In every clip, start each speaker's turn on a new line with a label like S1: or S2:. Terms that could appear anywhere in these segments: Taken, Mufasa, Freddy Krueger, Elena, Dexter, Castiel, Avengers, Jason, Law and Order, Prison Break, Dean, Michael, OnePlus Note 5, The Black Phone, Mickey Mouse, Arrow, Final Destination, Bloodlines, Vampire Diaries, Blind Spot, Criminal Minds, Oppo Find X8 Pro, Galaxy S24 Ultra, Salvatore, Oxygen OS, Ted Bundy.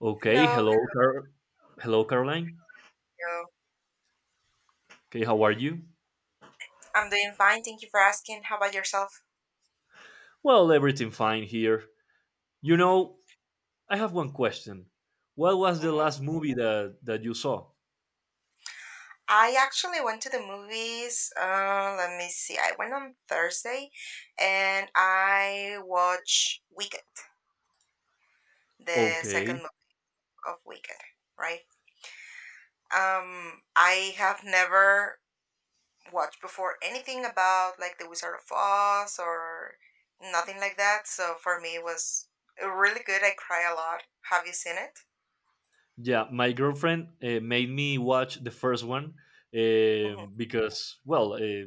S1: Okay,
S2: Hello,
S1: hello, hello, Caroline.
S2: hello.
S1: Okay, how are you?
S2: I'm doing fine. Thank you for asking. How about yourself?
S1: Well, everything fine here. You know, I have one question. What was the
S2: hmm
S1: last movie that you saw?
S2: I actually went to the movies. Let me see. I went on Thursday, and I watched Wicked, the second
S1: Okay,
S2: movie of Wicked. Right. I have never watched before anything about like The Wizard of Oz or nothing like that. So for me, it was really good. I cry a lot. Have you seen it?
S1: yeah, my girlfriend made me watch the first one because,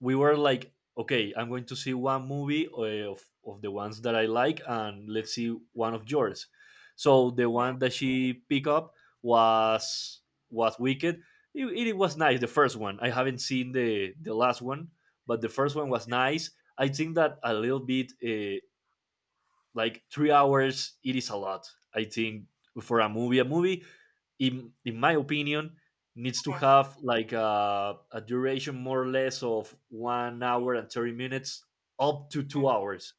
S1: we were like, okay, I'm going to see one movie of the ones that I like, and let's see one of yours. So the
S2: Mm-hmm.
S1: one that she picked up was was Wicked. It was nice, the first one. I haven't seen the last one, but the first one was nice. I think that a little bit, like 3 hours, it is a lot, I think. For a movie, a movie, in my opinion, needs to have like a duration more or less of 1 hour and 30 minutes, up to 2 hours.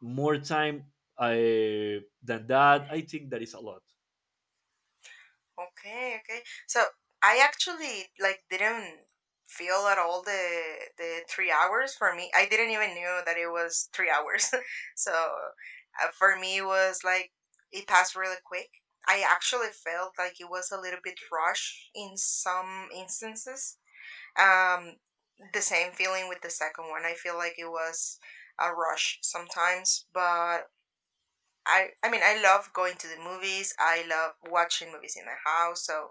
S1: More time, uh, than that, I think that is a lot.
S2: Okay, okay. So I actually like didn't feel at all the 3 hours for me. I didn't even knew that it was 3 hours. So for me, it was like it passed really quick. I actually felt like it was a little bit rushed in some instances. Um, the same feeling with the second one. I feel like it was a rush sometimes, but I mean I love going to the movies. I love watching movies in my house. So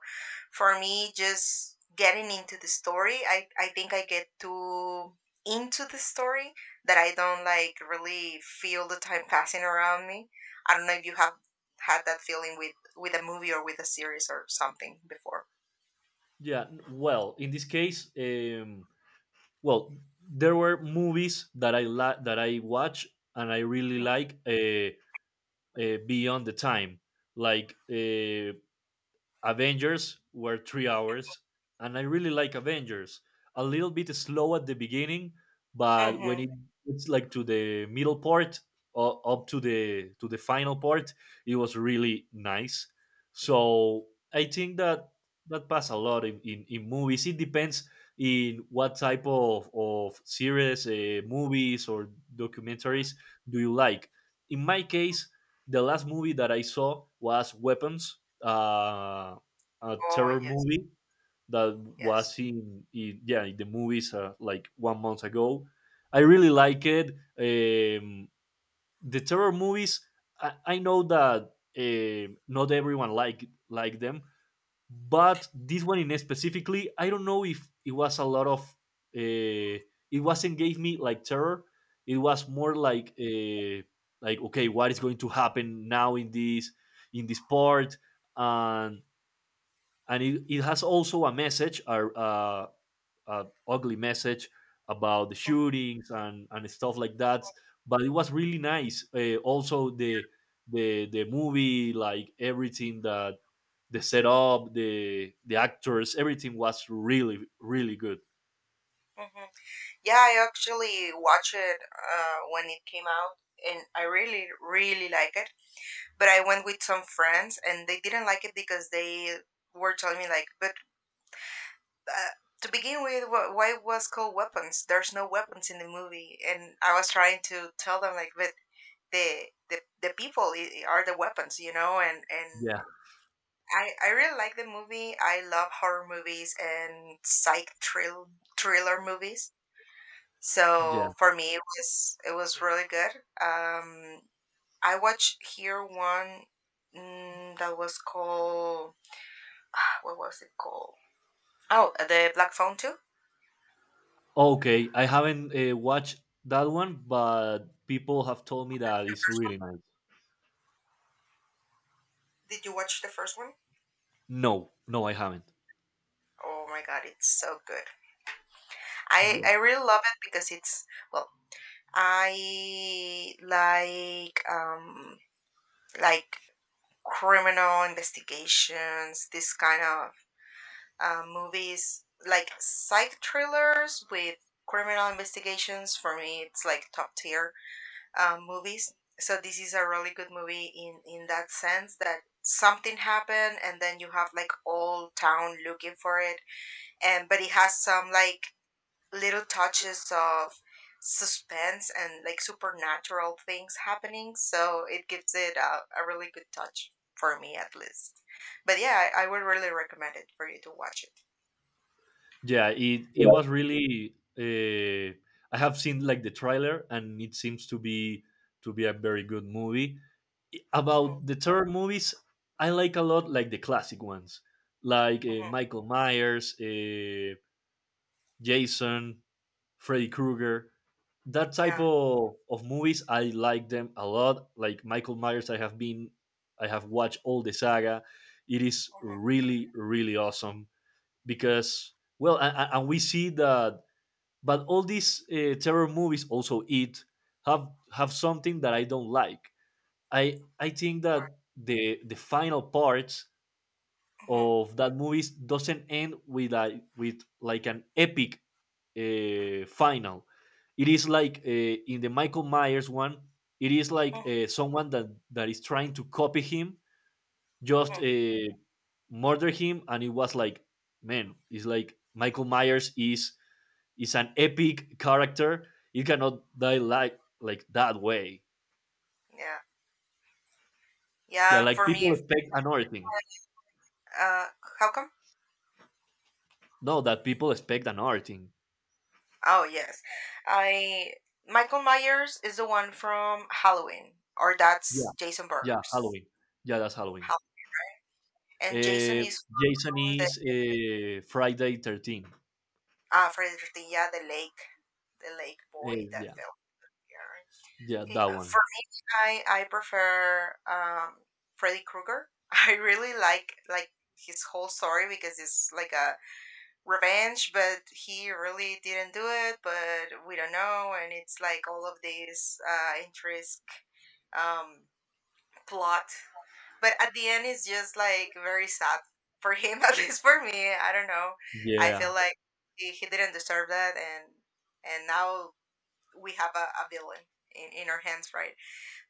S2: for me, just getting into the story, I think I get too into the story that I don't like really feel the time passing around me. I don't know if you have had that feeling with a movie or with a series or something before.
S1: Yeah. Well, in this case, well, there were movies that that I watch and I really like, beyond the time, like uh, Avengers were 3 hours, and I really like Avengers. A little bit slow at the beginning, but when
S2: Mm-hmm.
S1: it gets like to the middle part, or up to the final part, it was really nice. So I think that that pass a lot in movies. It depends in what type of series, movies, or documentaries do you like. In my case, the last movie that I saw was Weapons, uh, a
S2: Oh
S1: terror
S2: yes,
S1: movie that
S2: yes.
S1: was in the movies, like 1 month ago. I really like it. Um, the terror movies. I know that not everyone like them, but this one in specifically, I don't know if it was a lot of. Uh, it wasn't gave me like terror. It was more like, like, okay, what is going to happen now in this, in this part? and and it has also a message, a ugly message about the shootings and stuff like that. But it was really nice. Also the movie, like everything that, the setup, the actors, everything was really really good.
S2: Mm-hmm. Yeah, I actually watched it when it came out, and I really, really like it. But I went with some friends and they didn't like it because they were telling me like, but uh, to begin with, why it was called weapons? There's no weapons in the movie, and I was trying to tell them like, but the people are the weapons, you know, and.
S1: Yeah,
S2: I really like the movie. I love horror movies and psych thrill thriller movies.
S1: yeah.
S2: So for me, it was really good. Um, I watched here one that was called what was it called? Oh, the Black Phone too.
S1: Okay, I haven't watched that one, but people have told me that it's really nice.
S2: Did you watch the first one?
S1: No, no, I haven't.
S2: Oh my god, it's so good. I really love it because it's well, I like criminal investigations, this kind of movies, like psych thrillers with criminal investigations. For me, it's like top tier movies. So this is a really good movie in that sense that something happened and then you have like all town looking for it and but it has some like little touches of suspense and like supernatural things happening, so it gives it a really good touch for me at least. But yeah, I would really recommend it for you to watch it.
S1: Yeah, it
S2: Yeah.
S1: was really. I have seen like the trailer, and it seems to be a very good movie.
S2: Mm-hmm.
S1: About the terror movies, I like a lot like the classic ones, like
S2: Mm-hmm.
S1: Michael Myers, Jason, Freddy Krueger. That type
S2: Yeah.
S1: of movies, I like them a lot. Like Michael Myers, I have watched all the saga. It is
S2: Mm-hmm.
S1: really, really awesome because, well, and we see that, but all these terror movies also it have something that I don't like. I think that the final part
S2: Mm-hmm. Mm-hmm.
S1: of that movie doesn't end with a, with like an epic final. It is like, in the Michael Myers one, it is like,
S2: Mm-hmm.
S1: someone that is trying to copy him just
S2: Mm-hmm.
S1: murder him, and it was like, man, it's like Michael Myers is an epic character. You cannot die like that way.
S2: Yeah.
S1: Yeah,
S2: Yeah. and
S1: like
S2: For
S1: people
S2: me,
S1: expect another thing.
S2: uh, how come?
S1: No, that people expect another thing.
S2: Oh yes, I Michael Myers is the one from Halloween, or
S1: Yeah,
S2: that's Jason
S1: yeah,
S2: Burgers.
S1: Halloween. Yeah, that's Halloween.
S2: Hall- And Jason
S1: Uh,
S2: is
S1: Jason
S2: from the
S1: is Friday 13.
S2: Fredericia, the lake, the lake boy
S1: Uh,
S2: that
S1: yeah,
S2: fell here.
S1: yeah,
S2: Okay,
S1: that one.
S2: for me, I prefer Freddy Krueger. I really like his whole story because it's like a revenge, but he really didn't do it. But we don't know, and it's like all of these interest um plot. But at the end, it's just like very sad for him, at least for me. I don't know. I
S1: Yeah,
S2: feel like he didn't deserve that, and now we have a villain in our hands, right?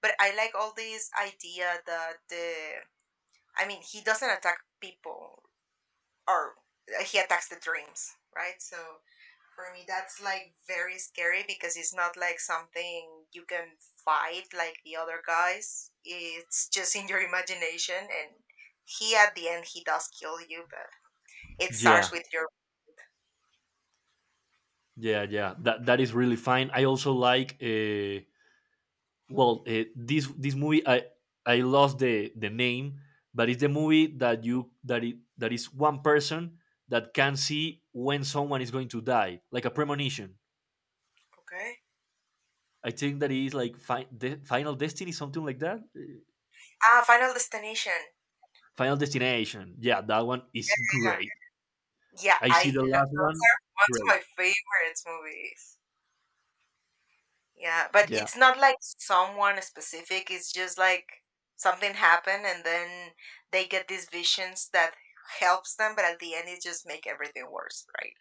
S2: But I like all this idea that the I mean, he doesn't attack people or he attacks the dreams, right? So for me, that's like very scary because it's not like something you can fight like the other guys. It's just in your imagination, and he at the end he does kill you, but it
S1: yeah,
S2: starts with your
S1: yeah, yeah. That that is really fine. I also like, well, this this movie, I lost the name, but it's the movie that you, that it, that is one person that can see when someone is going to die, like a premonition.
S2: Okay.
S1: I think that is like Final Destiny, something like that.
S2: Final Destination.
S1: Final Destination. Yeah, that one is
S2: Yeah,
S1: great.
S2: yeah,
S1: I see the last
S2: those
S1: one.
S2: are
S1: Great.
S2: one of my favorite movies. Yeah, but
S1: Yeah,
S2: it's not like someone specific. It's just like something happened, and then they get these visions that helps them, but at the end, it just make everything worse, right?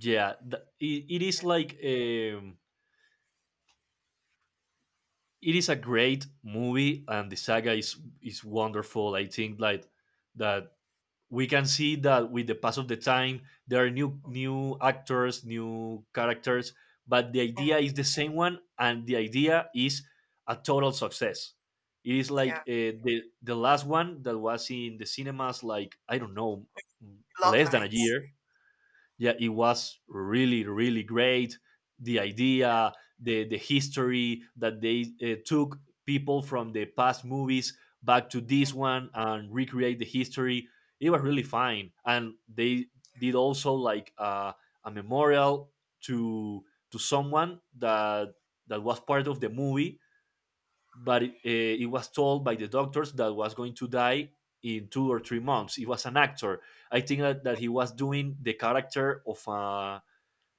S1: yeah. It is
S2: Yeah,
S1: like, it is a great movie, and the saga is wonderful. I think like that we can see that with the pass of the time there are new new actors new characters, but the idea
S2: Mhm.
S1: is the same one, and the idea is a total success. It is like,
S2: yeah.
S1: the last one that was in the cinemas, like I don't know, less than a
S2: Bloodlines.
S1: year. Yeah, it was really, really great. The idea, the history that they, took people from the past movies back to
S2: Mm.
S1: this one and recreate the history. It was really fine. And they did also like, a memorial to to someone that, that was part of the movie. But it, it was told by the doctors that was going to die in 2 or 3 months. He was an actor. I think that he was doing the character of a,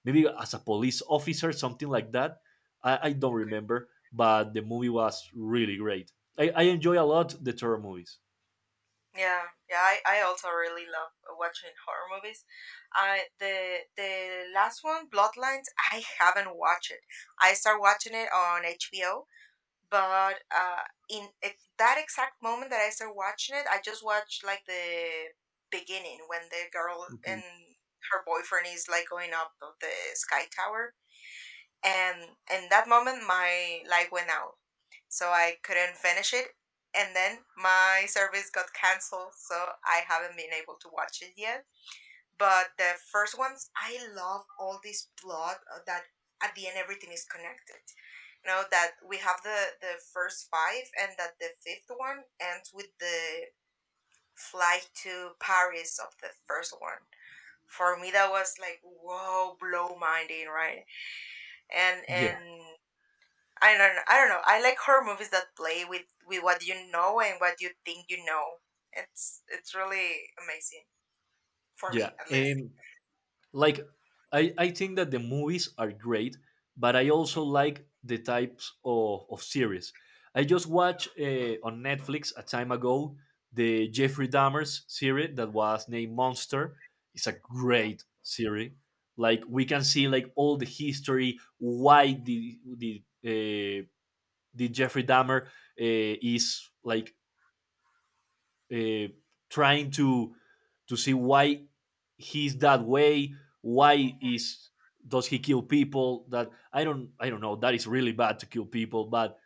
S1: maybe as a police officer, something like that. I don't
S2: Okay.
S1: remember, but the movie was really great. I enjoy a lot the terror movies.
S2: Yeah, yeah. I also really love watching horror movies. I the last one, Bloodlines. I haven't watched it. I start watching it on HBO, but in at that exact moment that I started watching it, I just watched like the beginning when the girl and
S1: Okay.
S2: her boyfriend is like going up of the sky tower, and in that moment my light went out, so I couldn't finish it, and then my service got canceled, so I haven't been able to watch it yet. But the first ones, I love all this plot that at the end everything is connected. You know that we have the first five, and that the fifth one ends with the flight to Paris of the first one. For me, that was like whoa, blow minding, right?
S1: Yeah,
S2: And I don't know, I don't know. I like horror movies that play with what you know and what you think you know. It's really amazing for me,
S1: yeah.
S2: at least.
S1: And like I think that the movies are great, but I
S2: Mhm.
S1: also like the types of series. I just watched, on Netflix a time ago, the Jeffrey Dahmer's series that was named Monster. It's a great series. Like we can see like all the history why the Jeffrey Dahmer, is like, uh, trying to see why he's that way. Why is, does he kill people? That I don't, I don't know. That is really bad to kill people, but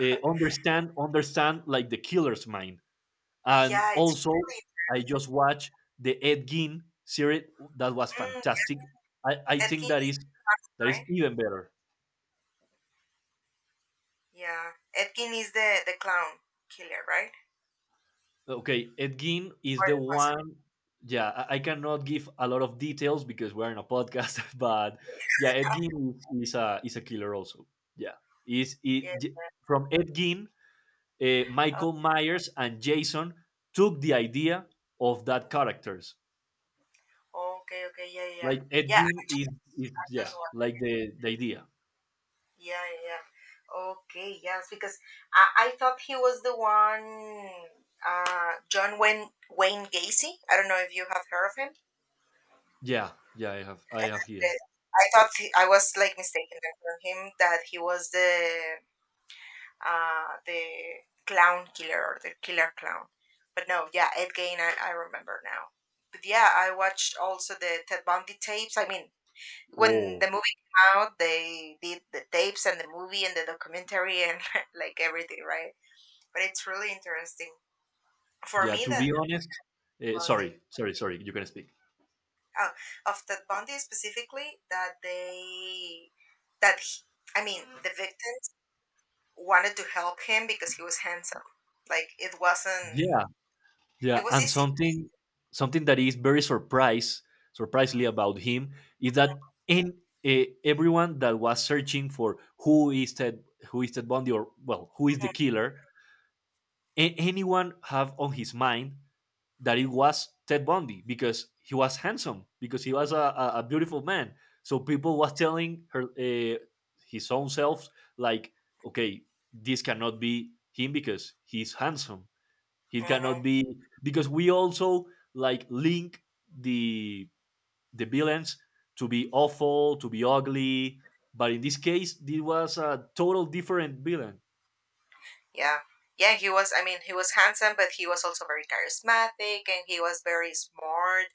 S1: understand, understand like the killer's mind. And
S2: Yeah, it's
S1: also,
S2: really
S1: I just watched the Ed Gein series. That was
S2: mm,
S1: fantastic. I think
S2: Edgin
S1: that
S2: is
S1: is,
S2: the clown,
S1: that is
S2: right?
S1: even better.
S2: Yeah, Edgin is the clown killer, right?
S1: Okay, Ed Gein is
S2: Or
S1: the
S2: it was a
S1: one. Yeah, I cannot give a lot of details because we're in a podcast, but yeah, Ed
S2: killer.
S1: Gein is a, is a killer also. Yeah, is it
S2: Yeah.
S1: from Ed Gein, Michael Myers and Jason took the idea of that characters.
S2: Oh, okay, okay, yeah, yeah, yeah.
S1: Like Ed
S2: Yeah,
S1: Gein is
S2: I
S1: yeah,
S2: just wondered.
S1: like the idea.
S2: Yeah, yeah, yeah. Okay, yes, because I thought he was the one, John Wayne Gacy. I don't know if you have heard of him.
S1: Yeah, yeah, I have, I have here.
S2: The- I thought he, I was like mistaken for him that he was the clown killer or the killer clown. But no, yeah, Ed Gain, I remember now. But yeah, I watched also the Ted Bundy tapes. I mean, when
S1: Oh,
S2: the movie came out, they did the tapes and the movie and the documentary and like everything, right? But it's really interesting for
S1: yeah.
S2: me
S1: To
S2: that
S1: be honest, sorry,
S2: Bundy,
S1: sorry, sorry. You can speak.
S2: oh, of Ted Bundy specifically, that they that he, I mean, the victims wanted to help him because he was handsome. Like it wasn't,
S1: Yeah.
S2: it
S1: Yeah,
S2: was
S1: and
S2: easy
S1: something, something that is very surprise, surprisingly about him is that in, everyone that was searching for who is Ted, who is Ted Bundy, or well, who is the killer, anyone have on his mind that it was Ted Bundy because he was handsome, because he was a beautiful man. So people was telling her, his own self, like, okay, this cannot be him because he's handsome. It cannot
S2: Mm-hmm.
S1: be because we also like link the the villains to be awful, to be ugly. But in this case, it was a total different villain.
S2: Yeah. Yeah, he was, I mean, he was handsome, but he was also very charismatic and he was very smart.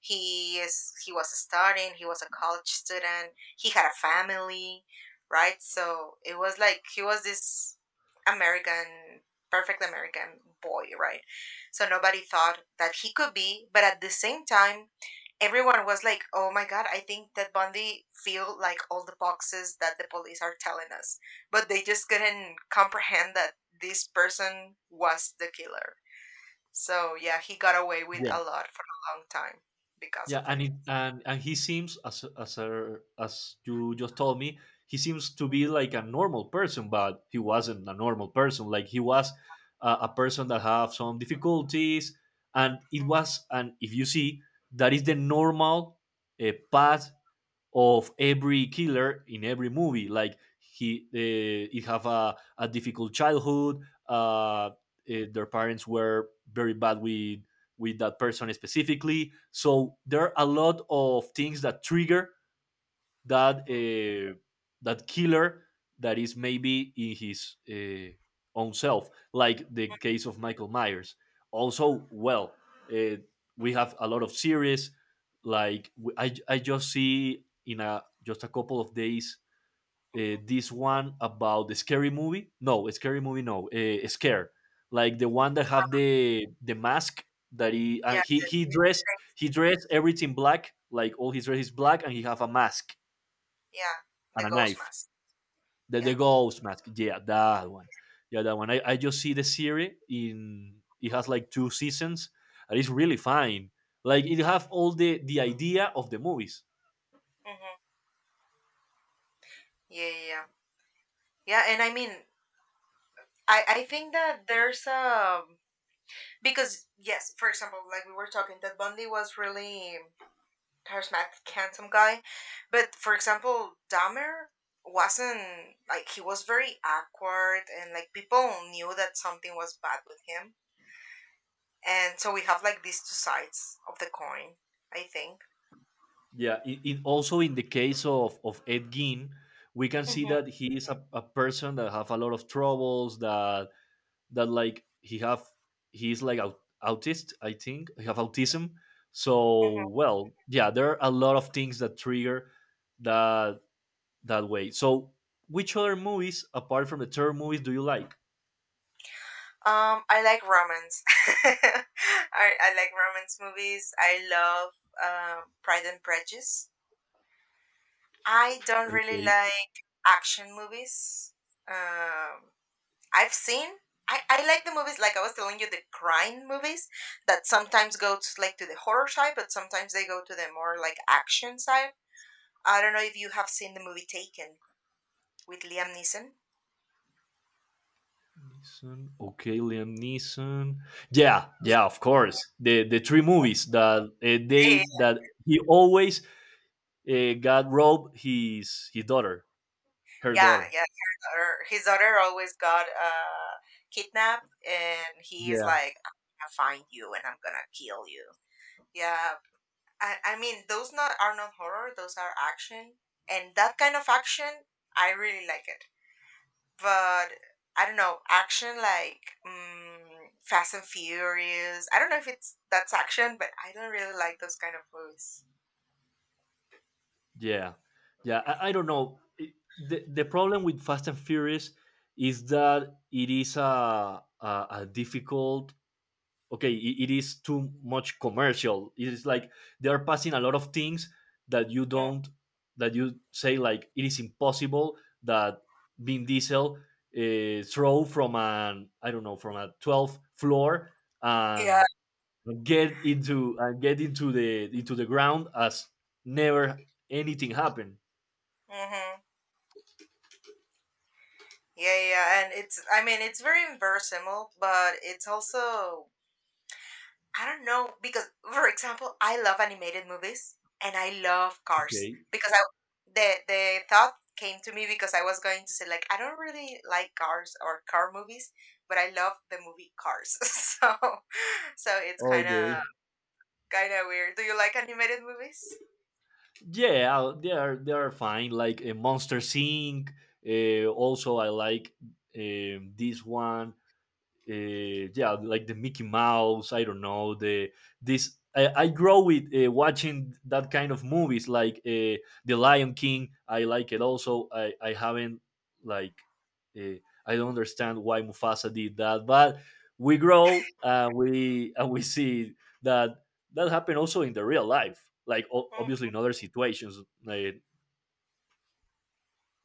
S2: He is, he was studying, he was a college student, he had a family, right? So it was like he was this American, perfect American boy, right? So nobody thought that he could be, but at the same time, everyone was like, oh my God, I think that Bundy filled like all the boxes that the police are telling us, but they just couldn't comprehend that this person was the killer. So yeah, he got away with
S1: Yeah,
S2: a lot for a long time because of
S1: yeah, and
S2: it.
S1: it, and he seems as a, as you just told me, he seems to be like a normal person, but he wasn't a normal person. Like he was a person that have some difficulties. And it was, and if you see that is the normal path of every killer in every movie. Like he have a difficult childhood.
S2: Mm-hmm,
S1: Uh, their parents were very bad with that person specifically. So there are a lot of things that trigger that, that killer, that is maybe in his, own self, like the case of Michael Myers. Also, well, uh, we have a lot of series. Like I just see in a, just a couple of days,
S2: mm-hmm.
S1: this one about the scary movie. No, a scary movie. No, scare. Like the one that have the mask that he, uh,
S2: Yeah,
S1: he he dressed, he dressed everything black. Like all his dress is black, and he have a mask
S2: yeah,
S1: and
S2: the
S1: a
S2: ghost
S1: knife.
S2: mask.
S1: The
S2: Yeah.
S1: ghost mask. Yeah, that one. Yeah, that one. I just see the series in it has like 2 seasons, and it's really fine. Like it have all the idea of the movies.
S2: Mm-hmm. Yeah, yeah, yeah. Yeah, and I mean, I think that there's a because yes, for example, like we were talking, that Bundy was really charismatic, handsome guy. But for example, Dahmer wasn't like he was very awkward and like people knew that something was bad with him. And so we have like these two sides of the coin, I think.
S1: Yeah. It also in the case of Ed Gein, we can see
S2: Mm-hmm.
S1: that he is a person that have a lot of troubles that, that like he have, he is like autist, I think he have autism. So
S2: Mm-hmm.
S1: well, yeah, there are a lot of things that trigger that, that way. So, which other movies apart from the terror movies do you like?
S2: I like romance. I, I like romance movies. I love Pride and Prejudice. I don't really
S1: Okay,
S2: like action movies. Um, I've seen. I like the movies, like I was telling you, the crime movies that sometimes go to, like to the horror side, but sometimes they go to the more like action side. I don't know if you have seen the movie Taken with Liam Neeson.
S1: Neeson. Okay, Liam Neeson. Yeah,
S2: Yeah,
S1: yeah, of course. The three movies that,
S2: yeah,
S1: they that he always, got robbed his daughter, her
S2: yeah,
S1: daughter.
S2: yeah. His daughter always got kidnapped, and he is
S1: Yeah,
S2: like, "I'm gonna find you, and I'm gonna kill you." Yeah, I mean, those not are not horror; those are action, and that kind of action, I really like it. But I don't know action like Fast and Furious. I don't know if it's that's action, but I don't really like those kind of movies.
S1: yeah, yeah. I don't know. The, the problem with Fast and Furious is that it is a a difficult okay it is too much commercial. It is like they are passing a lot of things that you
S2: Mm.
S1: don't that you say like it is impossible that Vin Diesel throw from an I don't know from a 12th floor
S2: Yeah.
S1: and get into the ground as never anything happened.
S2: hmm Yeah, yeah, and it's I mean it's very impersonal, but it's also I don't know because, for example, I love animated movies and I love Cars
S1: Okay,
S2: because I the thought came to me because I was going to say like I don't really like cars or car movies, but I love the movie Cars. So so it's
S1: okay,
S2: kind of weird. Do you like animated movies?
S1: yeah, they are fine. Like a Monster Inc. Also, I like this one uh, yeah, like the Mickey Mouse. I don't know the this. I grow with watching that kind of movies like the Lion King. I like it also. I haven't like uh, I don't understand why Mufasa did that, but we grow and we see that happened also in the real life. Like
S2: Mm.
S1: obviously in other situations, uh,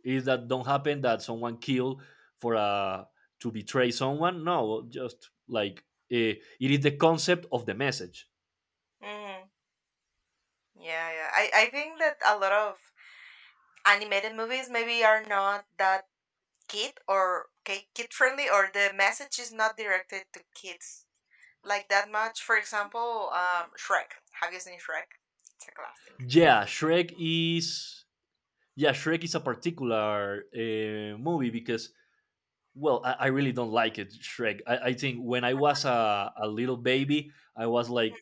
S1: is that don't happen that someone killed for a to betray someone no just like uh, it is the concept of the message.
S2: Mm. Yeah, yeah. I think that a lot of animated movies maybe are not that kid or okay, kid friendly or the message is not directed to kids like that much, for example, Shrek. Have you seen Shrek? It's a classic.
S1: Yeah, Shrek is a particular movie because well, I really don't like it. Shrek, I think when I was a little baby I was
S2: Mhm.
S1: like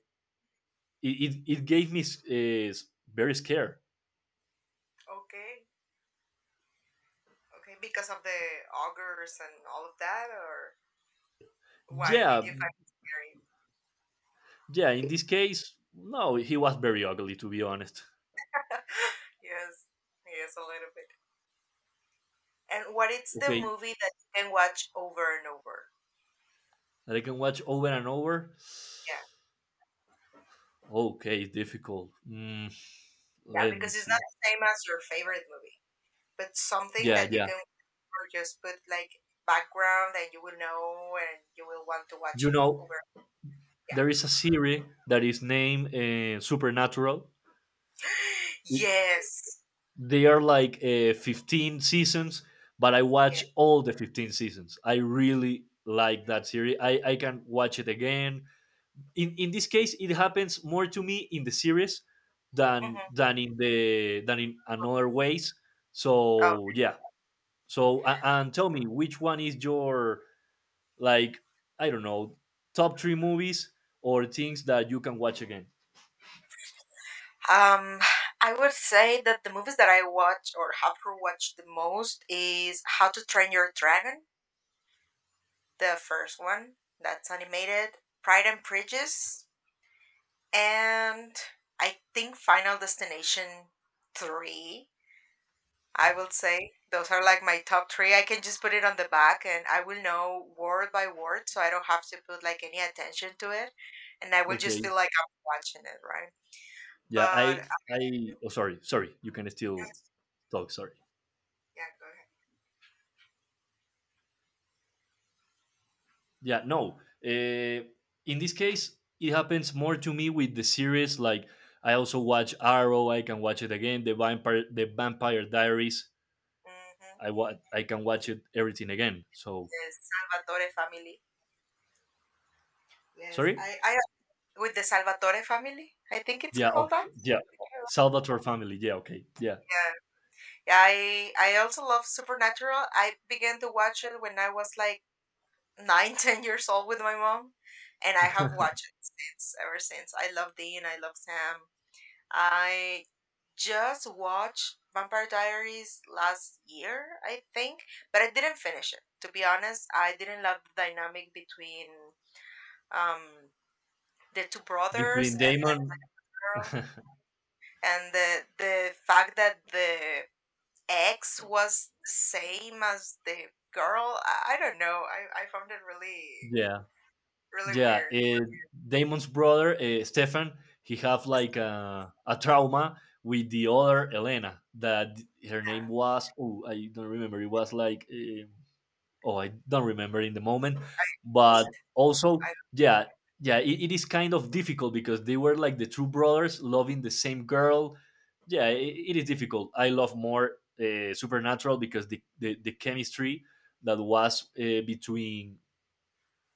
S1: it, it gave me very scared.
S2: Okay, okay, because of the augurs and all of that, or why did
S1: Yeah,
S2: you find it scary?
S1: yeah, in this case no, he was very ugly to be honest.
S2: Yes, yes, a little bit. And what is the
S1: Okay,
S2: movie that you can watch over and over?
S1: that I can watch over and over.
S2: Yeah,
S1: Okay, difficult.
S2: yeah,
S1: Let me
S2: because it's
S1: see.
S2: not the same as your favorite movie, but something
S1: Yeah,
S2: that you
S1: yeah.
S2: can or just put like background and you will know and you will want to
S1: You
S2: watch
S1: know,
S2: over. Yeah.
S1: there is a series that is named Supernatural.
S2: Yes.
S1: They are like 15 seasons, but I
S2: Yeah.
S1: watch all the 15 seasons. I really like that series. I can watch it again. In this case, it happens more to me in the series
S2: Mhm.
S1: than in the than in another ways.
S2: Oh,
S1: So yeah, so and tell me which one is your like I don't know top three movies or things that you can watch again.
S2: um, I would say that the movies that I watch or have watched the most is How to Train Your Dragon, the first one that's animated, Pride and Prejudice, and I think Final Destination 3. I will say those are like my top three. I can just put it on the back and I will know word by word, so I don't have to put like any attention to it, and I will just
S1: Okay.
S2: feel like I'm watching it, right?
S1: Yeah.
S2: But
S1: I oh, sorry, sorry, you can still talk. Sorry.
S2: yeah, go ahead.
S1: Yeah. No. Uh, in this case, it happens more to me with the series. Like I also watch Arrow. I can watch it again. The Vampire Diaries.
S2: Mm-hmm.
S1: I can watch it everything again. So
S2: The Salvatore family. Yes,
S1: sorry.
S2: I with the Salvatore family. I think it's
S1: Yeah.
S2: called that.
S1: Yeah. Salvatore family. Yeah. Okay. Yeah.
S2: Yeah, yeah. I also love Supernatural. I began to watch it when I was like nine, 10 years old with my mom, and I have watched it since. Ever since, I love Dean. I love Sam. I just watched Vampire Diaries last year, I think, but I didn't finish it. To be honest, I didn't love the dynamic between um the two
S1: between
S2: brothers and the
S1: Damon,
S2: girl. And the fact that the ex was the same as the girl I don't know, I found it really
S1: yeah,
S2: really
S1: yeah,
S2: weird.
S1: Damon's brother Stefan, he have
S2: It's
S1: like
S2: the
S1: a trauma with the other Elena that her name was oh I don't remember, it was like oh I don't remember in the moment, but
S2: hate,
S1: also
S2: I don't
S1: yeah, yeah, it is kind of difficult because they were like the true brothers loving the same girl. Yeah, it is difficult. I love more Supernatural because the chemistry that was between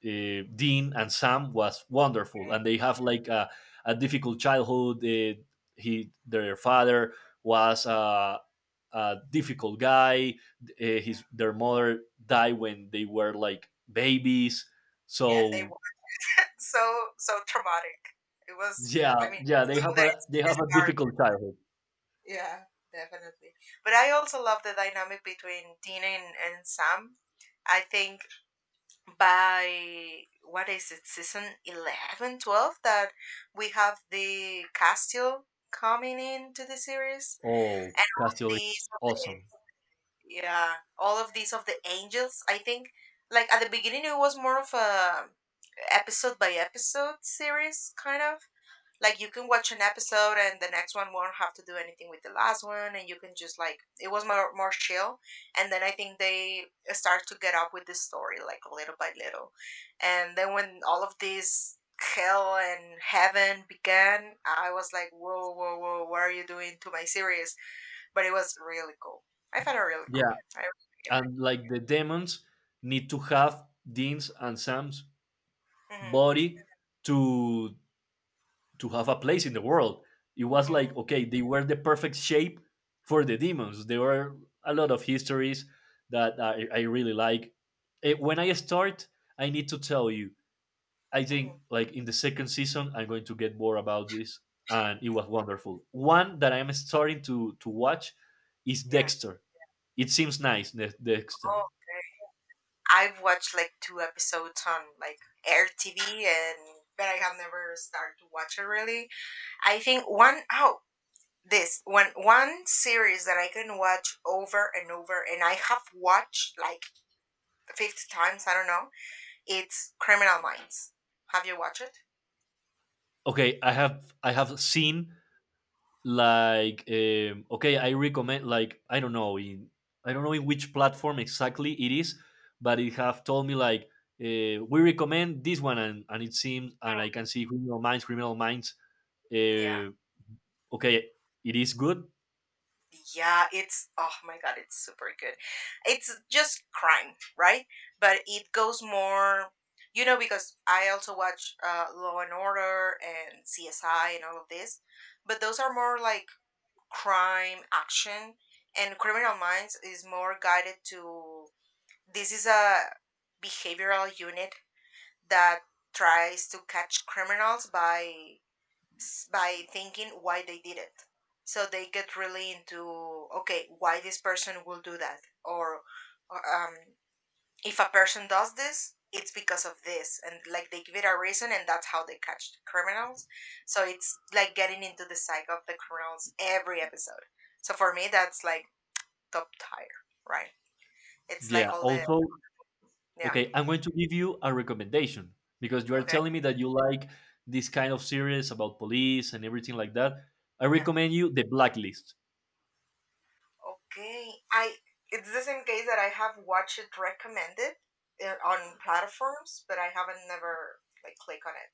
S1: Dean and Sam was wonderful,
S2: know.
S1: and they have like a difficult childhood. Their father was a difficult guy. His
S2: Yeah,
S1: Their mother died when they were like babies.
S2: yeah, and they
S1: So
S2: were so traumatic. It was,
S1: yeah,
S2: I mean,
S1: yeah, they
S2: how
S1: have
S2: they
S1: a
S2: start.
S1: difficult childhood.
S2: Yeah, definitely. But I also love the dynamic between Dean and Sam. I think by, what is it, season 11, 12, that we have the Castile coming into the series
S1: Oh,
S2: and all of
S1: Castiel is
S2: these of the,
S1: awesome.
S2: yeah, all of these of the angels. I think like at the beginning it was more of a episode by episode series, kind of like you can watch an episode and the next one won't have to do anything with the last one, and you can just like, it was more chill. And then I think they start to get up with the story like little by little, and then when all of this hell and heaven began, I was like, whoa, whoa, whoa, what are you doing to my series? But it was really cool. I found it really cool.
S1: Yeah,
S2: I really like it.
S1: and like the demons need to have Dean's and Sam's
S2: Mm-hmm.
S1: body to have a place in the world. It was
S2: Mm-hmm.
S1: like okay, they were the perfect shape for the demons. There were a lot of histories that I really like. When I start, I need to tell you, I think
S2: Mm-hmm.
S1: like in the second season, I'm going to get more about this, and it was wonderful. One that I'm starting to watch is
S2: Yeah.
S1: Dexter. It seems nice, Dexter.
S2: Oh, okay. I've watched like two episodes on like Air TV, and but I have never started to watch it really. I think one, oh, this one, one series that I can watch over and over, and I have watched like 50 times, I don't know. It's Criminal Minds. Have you watched it?
S1: Okay, I have seen like okay, I recommend like I don't know in which platform exactly it is, but it have told me like we recommend this one, and it seems and I can see Criminal Minds. Criminal Minds,
S2: Mm. Yeah.
S1: uh, okay, it is good.
S2: Yeah, it's, oh my god, it's super good. It's just crime, right? But it goes more, you know, because I also watch Law and Order and CSI and all of this, but those are more like crime action, and Criminal Minds is more guided to, this is a behavioral unit that tries to catch criminals by by thinking why they did it. So they get really into, okay, why this person will do that, or, if a person does this, it's because of this, and like they give it a reason, and that's how they catch the criminals. So it's like getting into the psyche of the criminals every episode. So for me, that's like top tier, right? It's
S1: Yeah,
S2: like all the,
S1: also
S2: yeah,
S1: okay, I'm going to give you a recommendation because you are
S2: okay,
S1: telling me that you like this kind of series about police and everything like that. I
S2: yeah.
S1: recommend you the Blacklist.
S2: Okay, I, it's the same case that I have watched it recommended on platforms, but I haven't never like click on it.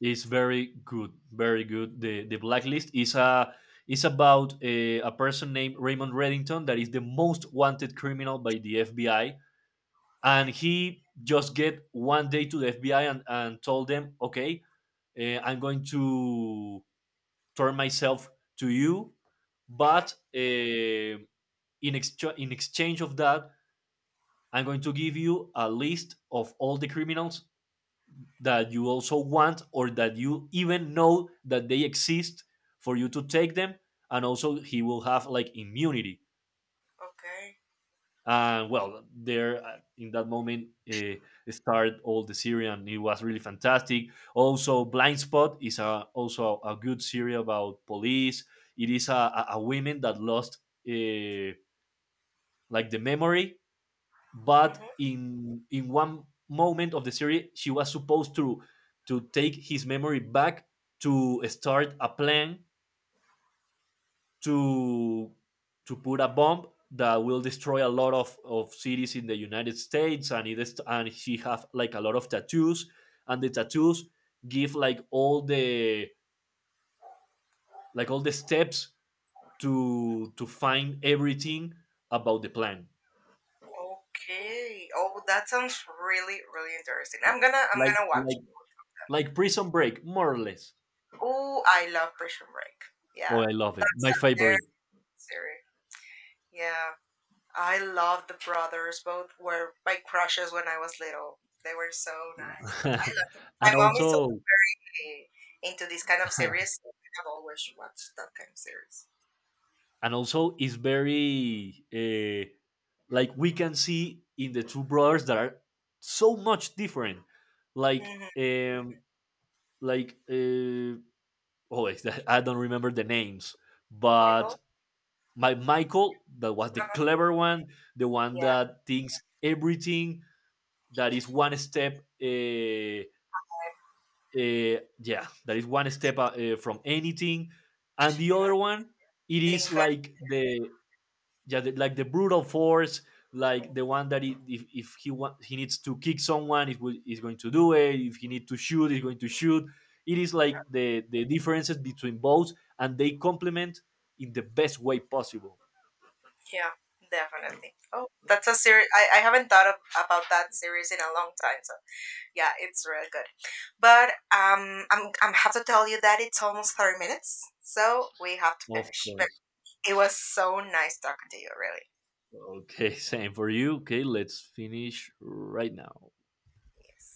S1: It's very good, very good. The Blacklist is a is about a person named Raymond Reddington that is the most wanted criminal by the FBI, and
S2: Okay.
S1: he just get one day to the FBI and told them, okay, I'm going to turn myself to you,
S2: Mhm.
S1: but in in exchange of that, I'm going to give you a list of all the criminals that you also want or that you even know that they exist for you to take them, and also he will have like immunity.
S2: Okay.
S1: And well there in that moment start all the series and it was really fantastic. Also Blind Spot is a, also a good series about police. It is a women that lost uh, like the memory,
S2: Mhm.
S1: but in one moment of the series she was supposed to take his memory back to start a plan to put a bomb that will destroy a lot of cities in the United States, and it is, and she have like a lot of tattoos and the tattoos give like all the steps to find everything about the plan.
S2: Okay. Oh, that sounds really really interesting.
S1: Yeah.
S2: I'm gonna I'm
S1: like
S2: gonna
S1: like
S2: watch.
S1: like Prison Break more or less.
S2: Oh, I love Prison Break.
S1: Oh,
S2: Yeah,
S1: I love it.
S2: that's
S1: My
S2: a very
S1: favorite.
S2: good series. Yeah, I love the brothers. Both were my crushes when I was little. They were so nice.
S1: Yeah.
S2: I love.
S1: and
S2: My mom is so,
S1: also,
S2: eh, into this kind of series, so I have always watched that kind of series.
S1: and also, it's very like we can see in the two brothers that are so much different. Like,
S2: Hmm.
S1: um, like oh, it's I don't remember the names,
S2: Michael?
S1: but my Michael, that was the
S2: Uh-huh.
S1: clever one, the one
S2: Yeah,
S1: that thinks everything, that is one step
S2: I-
S1: yeah, that is one step from anything, and the other
S2: yeah.
S1: one it is
S2: Lincoln.
S1: like the yeah the, like the brutal force, like the one that it, if he want he needs to kick someone, it will is going to do it. If he need to shoot, he's going to shoot. It is like the differences between both, and they complement in the best way possible.
S2: Yeah, definitely. Oh, that's a series I haven't thought of, about that series in a long time. So yeah, it's real good. But I'm have to tell you that it's almost 30 minutes, so we have to
S1: Of
S2: finish. But
S1: course.
S2: it was so nice talking to you, really.
S1: Okay, same for you. Okay, let's finish right now.
S2: Yes.